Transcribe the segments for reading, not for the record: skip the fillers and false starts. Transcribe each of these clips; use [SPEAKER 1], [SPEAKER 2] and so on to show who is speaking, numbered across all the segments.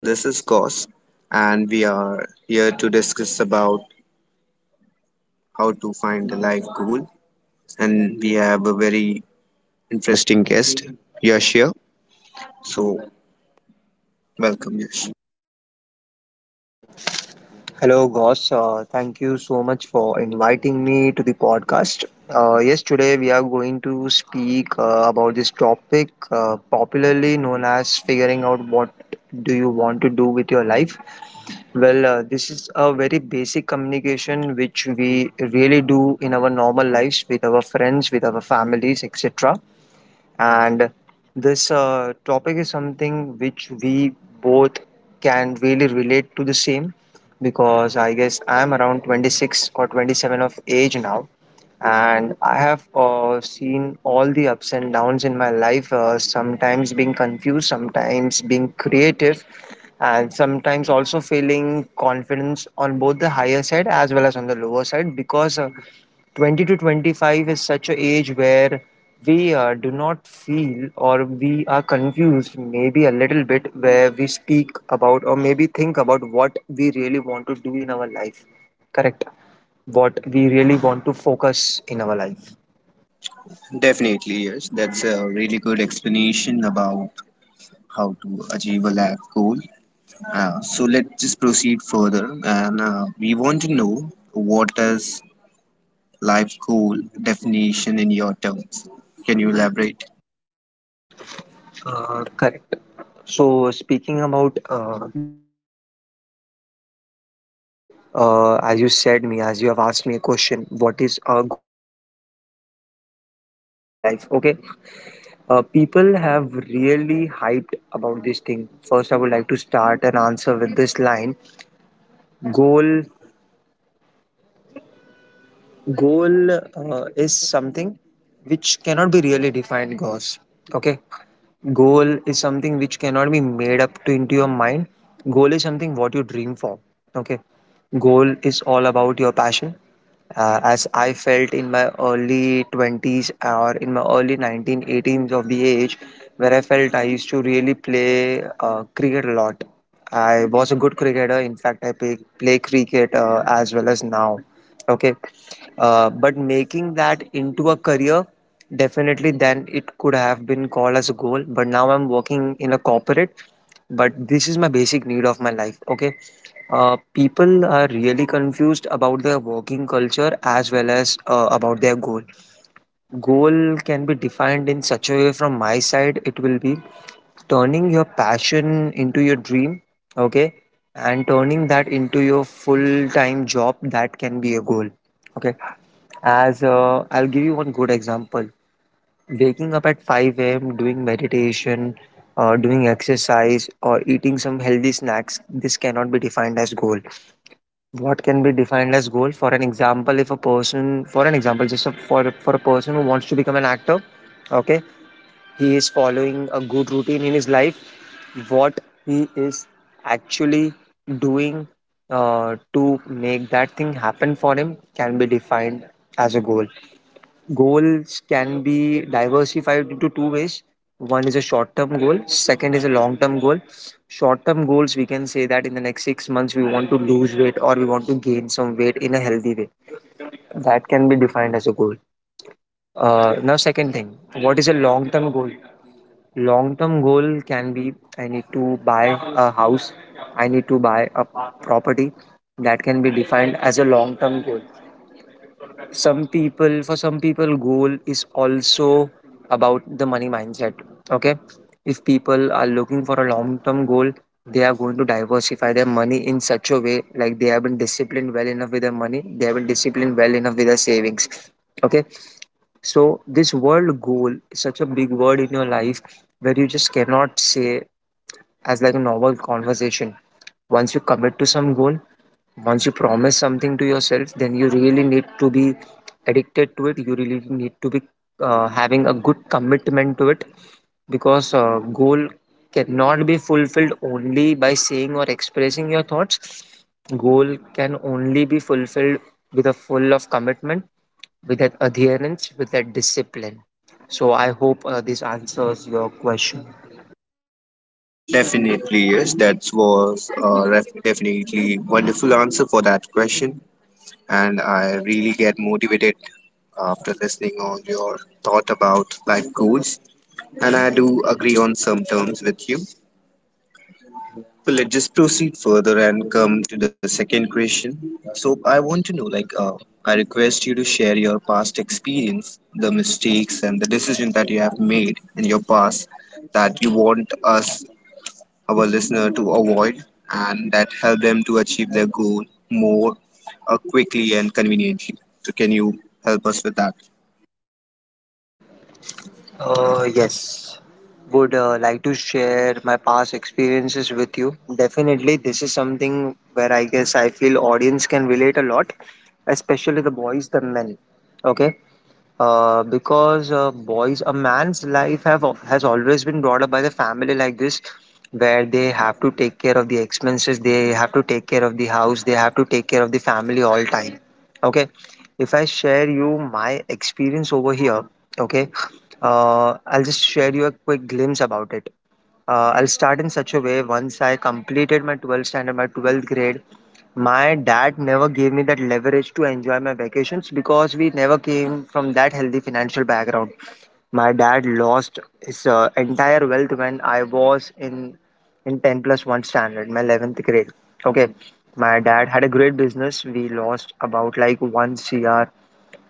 [SPEAKER 1] This is Kos and we are here to discuss about how to find a life goal, and we have a very interesting guest, Yash here. So welcome Yash.
[SPEAKER 2] Hello, Goss. Thank you so much for inviting me to the podcast. Yes, today we are going to speak about this topic, popularly known as figuring out what do you want to do with your life. Well, this is a very basic communication which we really do in our normal lives with our friends, with our families, etc. And this topic is something which we both can really relate to the same because I guess I'm around 26 or 27 of age now. And I have seen all the ups and downs in my life, sometimes being confused, sometimes being creative, and sometimes also feeling confidence on both the higher side as well as on the lower side because 20 to 25 is such an age where we do not feel or we are confused maybe a little bit where we speak about or maybe think about what we really want to do in our life, correct, what we really want to focus in our life.
[SPEAKER 1] Definitely yes, that's a really good explanation about how to achieve a life goal. So let's just proceed further and we want to know what is life goal definition in your terms. Can you elaborate?
[SPEAKER 2] Correct. So speaking about the basics, as you said me, as you have asked me a question, what is a goal in the life, what is the definition for me, a goal in my life. Okay. People have really hyped about this thing. First, I would like to start an answer with this line: goal, goal is something which cannot be really defined. Goes. Okay. Goal is something which cannot be made up to into your mind. Goal is something what you dream for. Okay. Goal is all about your passion, as I felt in my early 20s or in my early 19, eighteens of the age, where I felt I used to really play cricket a lot. I was a good cricketer. In fact, I play cricket as well as now. Okay. But making that into a career, definitely then it could have been called as a goal. But now I'm working in a corporate, but this is my basic need of my life. Okay. People are really confused about their working culture as well as about their goal. Goal can be defined in such a way, from my side it will be turning your passion into your dream. Okay. And turning that into your full time job, that can be a goal. Okay. As I'll give you one good example. Waking up at 5 a.m., doing meditation, doing exercise, or eating some healthy snacks, this cannot be defined as goal. What can be defined as goal? For an example, if a person, for an example, just a, for a person who wants to become an actor, okay, he is following a good routine in his life. What he is actually doing to make that thing happen for him can be defined as a goal. Goals can be diversified into two ways. One is a short term goal, second is a long term goal. Short term goals, we can say that in the next 6 months, we want to lose weight or we want to gain some weight in a healthy way. That can be defined as a goal. Now, second thing, what is a long term goal? Long term goal can be I need to buy a house, I need to buy a property. That can be defined as a long term goal. Some people, for some people goal is also about the money mindset. Okay. If people are looking for a long term goal, they are going to diversify their money in such a way, like they have been disciplined well enough with their money, they have been disciplined well enough with their savings. Okay. So this world goal is such a big word in your life, where you just cannot say as like a normal conversation. Once you commit to some goal, once you promise something to yourself, then you really need to be addicted to it. You really need to be having a good commitment to it, because goal cannot be fulfilled only by saying or expressing your thoughts. Goal can only be fulfilled with a full of commitment, with that adherence, with that discipline. So I hope this answers your question.
[SPEAKER 1] Definitely, yes. That was a ref definitely wonderful answer for that question. And I really get motivated after listening on your thought about life goals. And I do agree on some terms with you. So let's just proceed further and come to the second question. So I want to know, like, I request you to share your past experience, the mistakes and the decisions that you have made in your past that you want us our listener to avoid and that help them to achieve their goal more quickly and conveniently. So can you help us with that?
[SPEAKER 2] Yes. Would like to share my past experiences with you. Definitely, this is something where I guess I feel audience can relate a lot, especially the boys, the men. Okay. Because boys, a man's life have has always been brought up by the family like this, where they have to take care of the expenses, they have to take care of the house, they have to take care of the family all time. Okay. If I share you my experience over here, okay, I'll just share you a quick glimpse about it. I'll start in such a way. Once I completed my 12th standard, my 12th grade, my dad never gave me that leverage to enjoy my vacations because we never came from that healthy financial background. My dad lost his entire wealth when I was in 10 plus 1 standard, my 11th grade. Okay. My dad had a great business. We lost about like 1 CR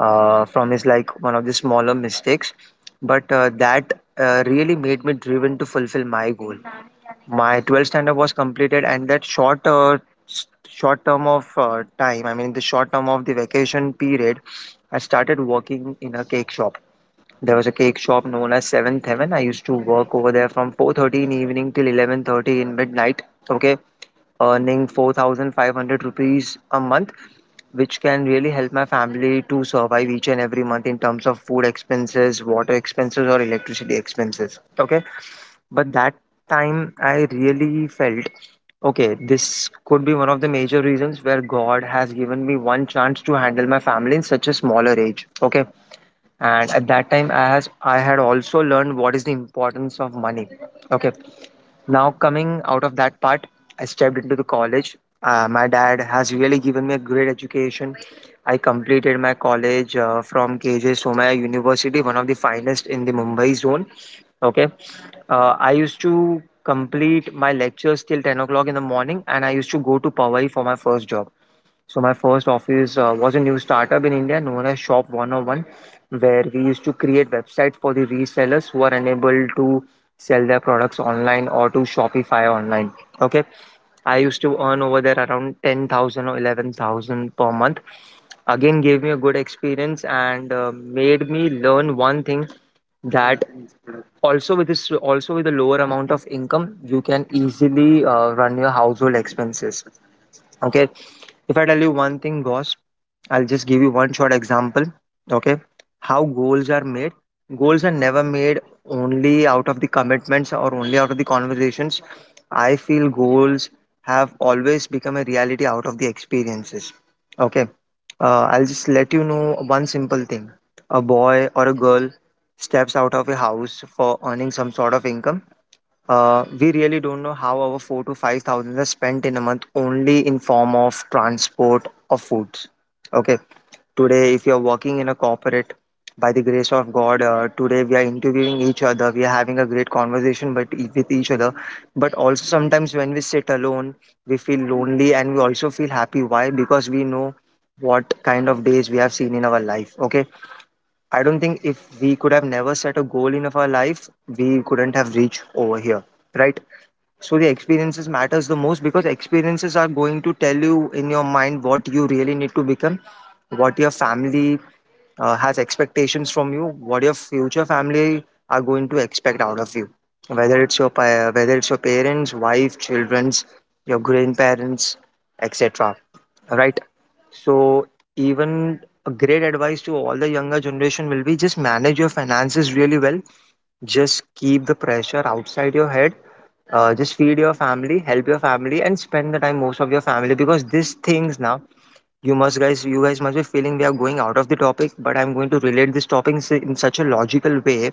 [SPEAKER 2] from his like one of the smaller mistakes, but that really made me driven to fulfill my goal. My 12th standard was completed, and that short short term of time, I mean the short term of the vacation period, I started working in a cake shop. There was a cake shop known as Seventh Heaven. I used to work over there from 4:30 in evening till 11:30 in midnight. Okay. Earning 4,500 rupees a month, which can really help my family to survive each and every month in terms of food expenses, water expenses, or electricity expenses. Okay. But that time I really felt okay, this could be one of the major reasons where God has given me one chance to handle my family in such a smaller age. Okay. And at that time, I had also learned what is the importance of money. Okay. Now, coming out of that part, I stepped into the college. My dad has really given me a great education. I completed my college from KJ Somaya University, one of the finest in the Mumbai zone. Okay. I used to complete my lectures till 10 o'clock in the morning, and I used to go to Powai for my first job. So my first office was a new startup in India known as Shop 101, where we used to create websites for the resellers who are unable to sell their products online or to Shopify online. Okay. I used to earn over there around 10,000 or 11,000 per month. Again, gave me a good experience and made me learn one thing, that also with this, also with a lower amount of income, you can easily run your household expenses. Okay. If I tell you one thing, Gosh, I'll just give you one short example. Okay. How goals are made. Goals are never made only out of the commitments or only out of the conversations. I feel goals have always become a reality out of the experiences. Okay. I'll just let you know one simple thing. A boy or a girl steps out of a house for earning some sort of income. We really don't know how our four to five thousand are spent in a month only in form of transport or foods. Okay. Today, if you're working in a corporate, by the grace of God, today we are interviewing each other. We are having a great conversation, but with each other. But also sometimes when we sit alone, we feel lonely and we also feel happy. Why? Because we know what kind of days we have seen in our life. Okay. I don't think if we could have never set a goal in of our life, we couldn't have reached over here, right? So the experiences matters the most because experiences are going to tell you in your mind what you really need to become, what your family has expectations from you, what your future family are going to expect out of you. Whether whether it's your parents, wife, childrens, your grandparents, etc. Right. So even a great advice to all the younger generation will be just manage your finances really well, just keep the pressure outside your head. Just feed your family, help your family, and spend the time most of your family because these things now you guys must be feeling we are going out of the topic, but I'm going to relate this topic in such a logical way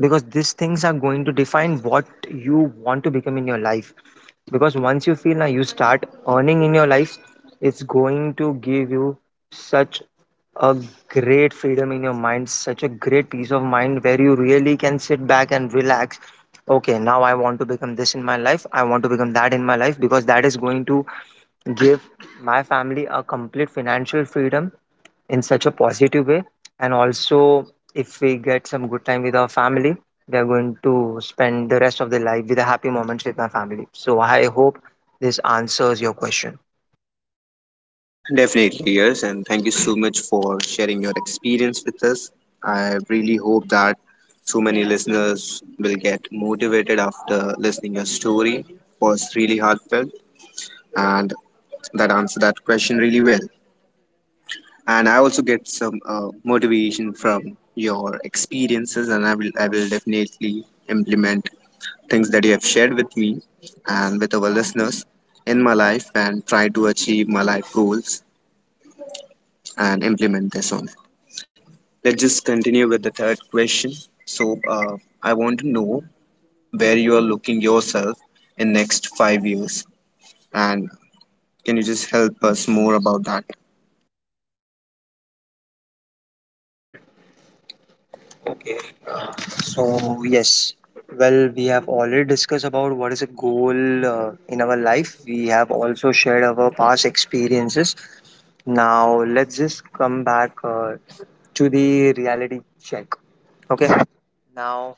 [SPEAKER 2] because these things are going to define what you want to become in your life. Because once you feel now you start earning in your life, it's going to give you such a great freedom in your mind, such a great peace of mind where you really can sit back and relax. Okay, now I want to become this in my life, I want to become that in my life because that is going to give my family a complete financial freedom in such a positive way, and also if we get some good time with our family we are going to spend the rest of the life with the happy moments with my family. So I hope this answers your question.
[SPEAKER 1] Definitely, yes, and thank you so much for sharing your experience with us. I really hope that so many listeners will get motivated after listening your story. It was really heartfelt and that answered that question really well. And I also get some motivation from your experiences, and I will definitely implement things that you have shared with me and with our listeners in my life and try to achieve my life goals and implement this on. Let's just continue with the third question. So I want to know where you are looking yourself in next 5 years, and can you just help us more about that?
[SPEAKER 2] So yes, well, we have already discussed about what is a goal in our life. We have also shared our past experiences. Now let's just come back to the reality check. Okay, now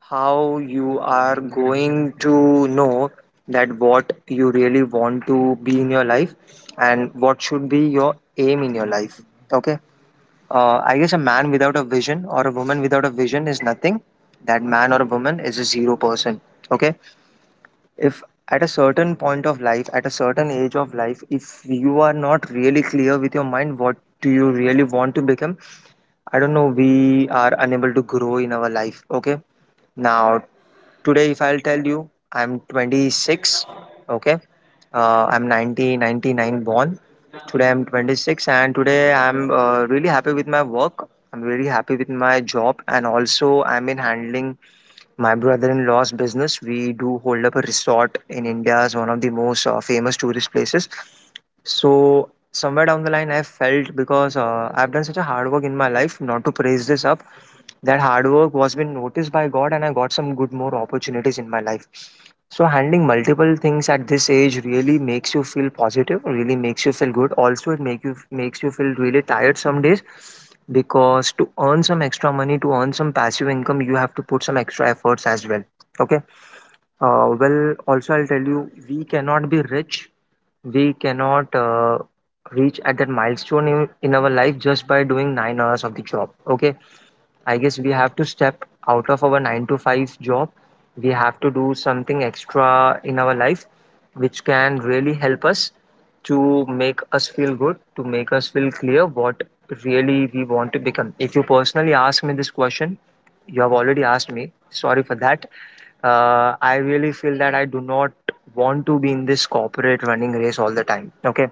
[SPEAKER 2] how you are going to know that what you really want to be in your life and what should be your aim in your life. Okay, I guess a man without a vision or a woman without a vision is nothing. That man or a woman is a zero person. Okay, if at a certain point of life, at a certain age of life, if you are not really clear with your mind what do you really want to become, I don't know, we are unable to grow in our life. Okay, now today, if I'll tell you, I'm 26, okay? I'm 1999 born. Today, I'm 26, and today, I'm really happy with my work. I'm really happy with my job, and also, I'm in handling my brother in law's business. We do hold up a resort in India, as one of the most famous tourist places. So, somewhere down the line, I felt because I've done such a hard work in my life, not to praise this up, that hard work was been noticed by God and I got some good more opportunities in my life. So handling multiple things at this age really makes you feel positive, really makes you feel good. Also it makes you feel really tired some days because to earn some extra money, to earn some passive income, you have to put some extra efforts as well. Okay. Well, also I'll tell you, we cannot be rich. We cannot reach at that milestone in our life just by doing 9 hours of the job. Okay, I guess we have to step out of our 9 to 5 job. We have to do something extra in our life which can really help us to make us feel good, to make us feel clear what really we want to become. If you personally ask me this question, you have already asked me. Sorry for that. I really feel that I do not want to be in this corporate running race all the time. Okay.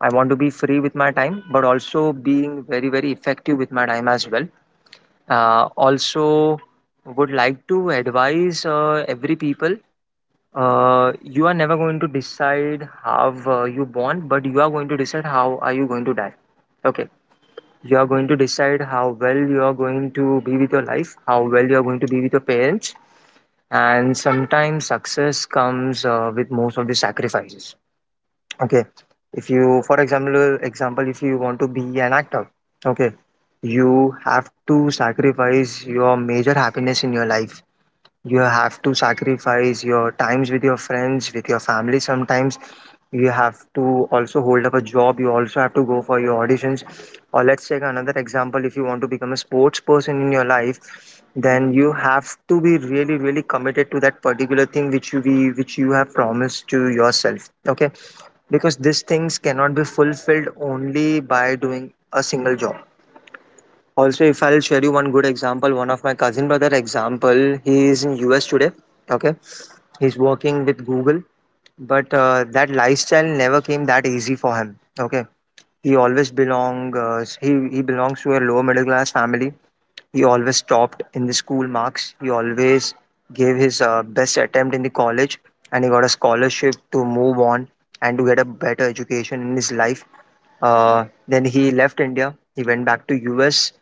[SPEAKER 2] I want to be free with my time, but also being very, very effective with my time as well. Also, would like to advise every people. You are never going to decide how you born, but you are going to decide how are you going to die. Okay, you are going to decide how well you are going to be with your life, how well you are going to be with your parents, and sometimes success comes with most of the sacrifices. Okay, if you, example, if you want to be an actor, okay, you have to sacrifice your major happiness in your life. You have to sacrifice your times with your friends, with your family sometimes. You have to also hold up a job. You also have to go for your auditions. Or let's take another example. If you want to become a sports person in your life, then you have to be really, really committed to that particular thing which you have promised to yourself. Okay, because these things cannot be fulfilled only by doing a single job. Also, if I'll share you one good example, one of my cousin brother example, he is in US today. Okay, he's working with Google, but that lifestyle never came that easy for him. Okay, he belongs to a lower middle class family. He always topped in the school marks. He always gave his best attempt in the college, and he got a scholarship to move on and to get a better education in his life. Then he left India. He went back to US.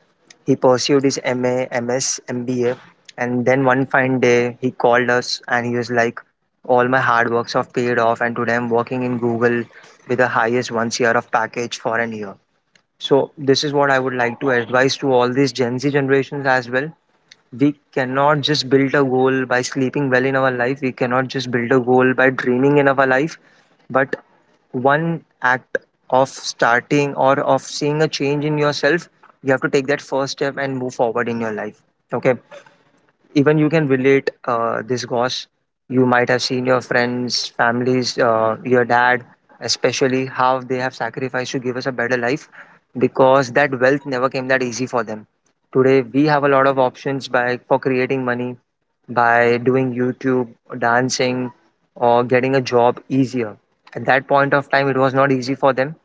[SPEAKER 2] He pursued his MA, MS, MBA, and then one fine day he called us and he was like, "All my hard works have paid off, and today I'm working in Google with the highest one year of package for an year." So this is what I would like to advise to all these Gen Z generations as well. We cannot just build a goal by sleeping well in our life. We cannot just build a goal by dreaming in our life. But one act of starting or of seeing a change in yourself, you have to take that first step and move forward in your life. Okay, even you can relate this, Gosh. You might have seen your friends families, your dad especially, how they have sacrificed to give us a better life, because that wealth never came that easy for them. Today we have a lot of options by for creating money, by doing YouTube, dancing, or getting a job easier. At that point of time it was not easy for them.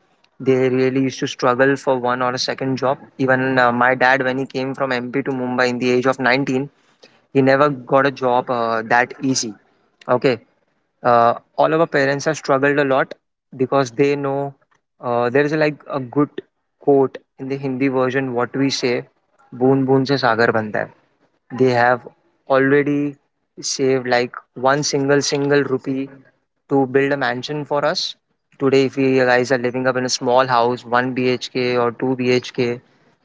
[SPEAKER 2] They really used to struggle for one or a second job. Even my dad, when he came from MP to Mumbai in the age of 19, he never got a job that easy. Okay, all of our parents have struggled a lot because they know there is like a good quote in the Hindi version. What we say, boon boon se Sagar banta hai. They have already saved like one single rupee to build a mansion for us. Today if we guys are living up in a small house, 1 bhk or 2 bhk,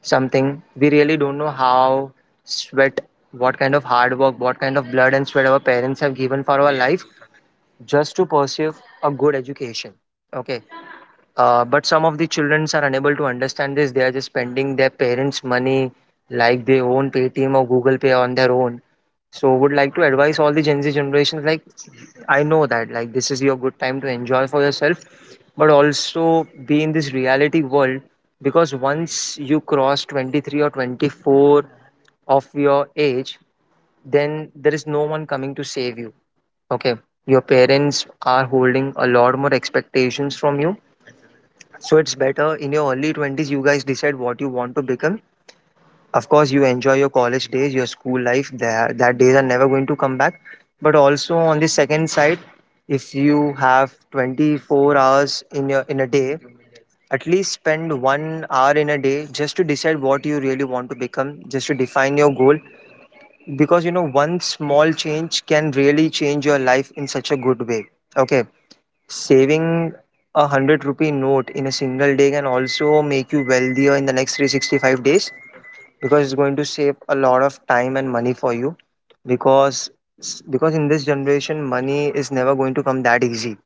[SPEAKER 2] something, we really don't know how sweat, what kind of hard work, what kind of blood and sweat our parents have given for our life, just to pursue a good education. Okay, but some of the children are unable to understand this. They are just spending their parents' money like they own Paytm or Google Pay on their own. So would like to advise all the Gen Z generations like, I know that like this is your good time to enjoy for yourself, but also be in this reality world, because once you cross 23 or 24 of your age, then there is no one coming to save you. Okay. Your parents are holding a lot more expectations from you, so it's better in your early 20s, you guys decide what you want to become. Of course, you enjoy your college days, your school life, that days are never going to come back. But also on the second side, if you have 24 hours in your in a day, at least spend 1 hour in a day just to decide what you really want to become, just to define your goal. Because you know, one small change can really change your life in such a good way. Okay. Saving a 100 rupee note in a single day can also make you wealthier in the next 365 days because it's going to save a lot of time and money for you, because in this generation money is never going to come that easy,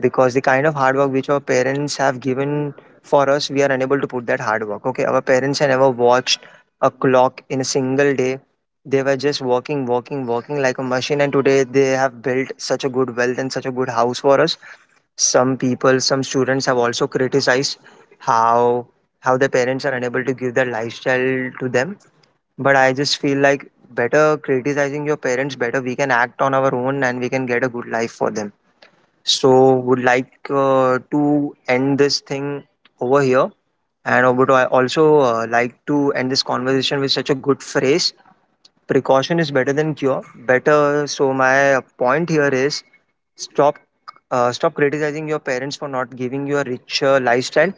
[SPEAKER 2] because the kind of hard work which our parents have given for us, we are unable to put that hard work. Okay, our parents have never watched a clock in a single day. They were just working, working, working like a machine, and today they have built such a good wealth and such a good house for us. Some people, some students have also criticized how how their parents are unable to give their lifestyle to them. But I just feel like better criticizing your parents, better we can act on our own and we can get a good life for them. So would like to end this thing over here. And I would also like to end this conversation with such a good phrase. Precaution is better than cure. Better. So my point here is stop stop criticizing your parents for not giving you a richer lifestyle.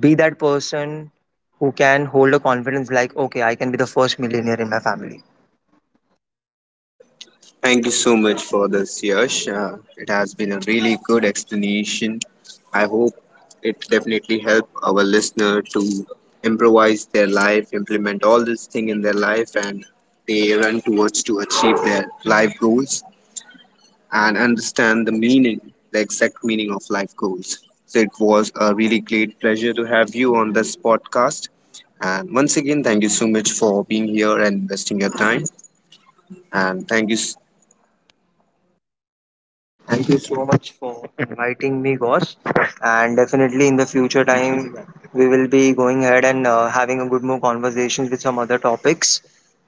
[SPEAKER 2] Be that person who can hold a confidence like, okay, I can be the first millionaire in my family.
[SPEAKER 1] Thank you so much for this, Yash. It has been a really good explanation. I hope it definitely helped our listener to improvise their life, implement all this thing in their life, and they run towards to achieve their life goals and understand the meaning, the exact meaning of life goals. So it was a really great pleasure to have you on this podcast. And once again, thank you so much for being here and investing your time. And thank you.
[SPEAKER 2] Thank you so much for inviting me, Gosh. And definitely in the future time, we will be going ahead and having a good more conversations with some other topics.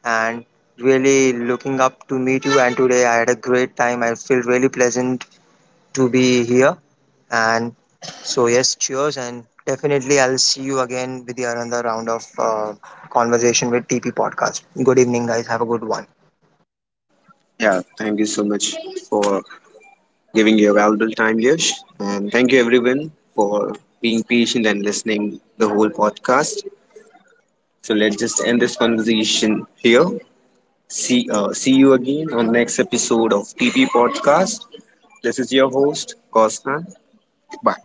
[SPEAKER 2] And really looking up to meet you. And today I had a great time. I feel really pleasant to be here. And so, yes, cheers. And definitely, I'll see you again with the another round of conversation with TP Podcast. Good evening, guys. Have a good one.
[SPEAKER 1] Yeah, thank you so much for giving your valuable time, Yash. And thank you, everyone, for being patient and listening the whole podcast. So let's just end this conversation here. See you again on next episode of PP Podcast. This is your host, Kostan. Bye.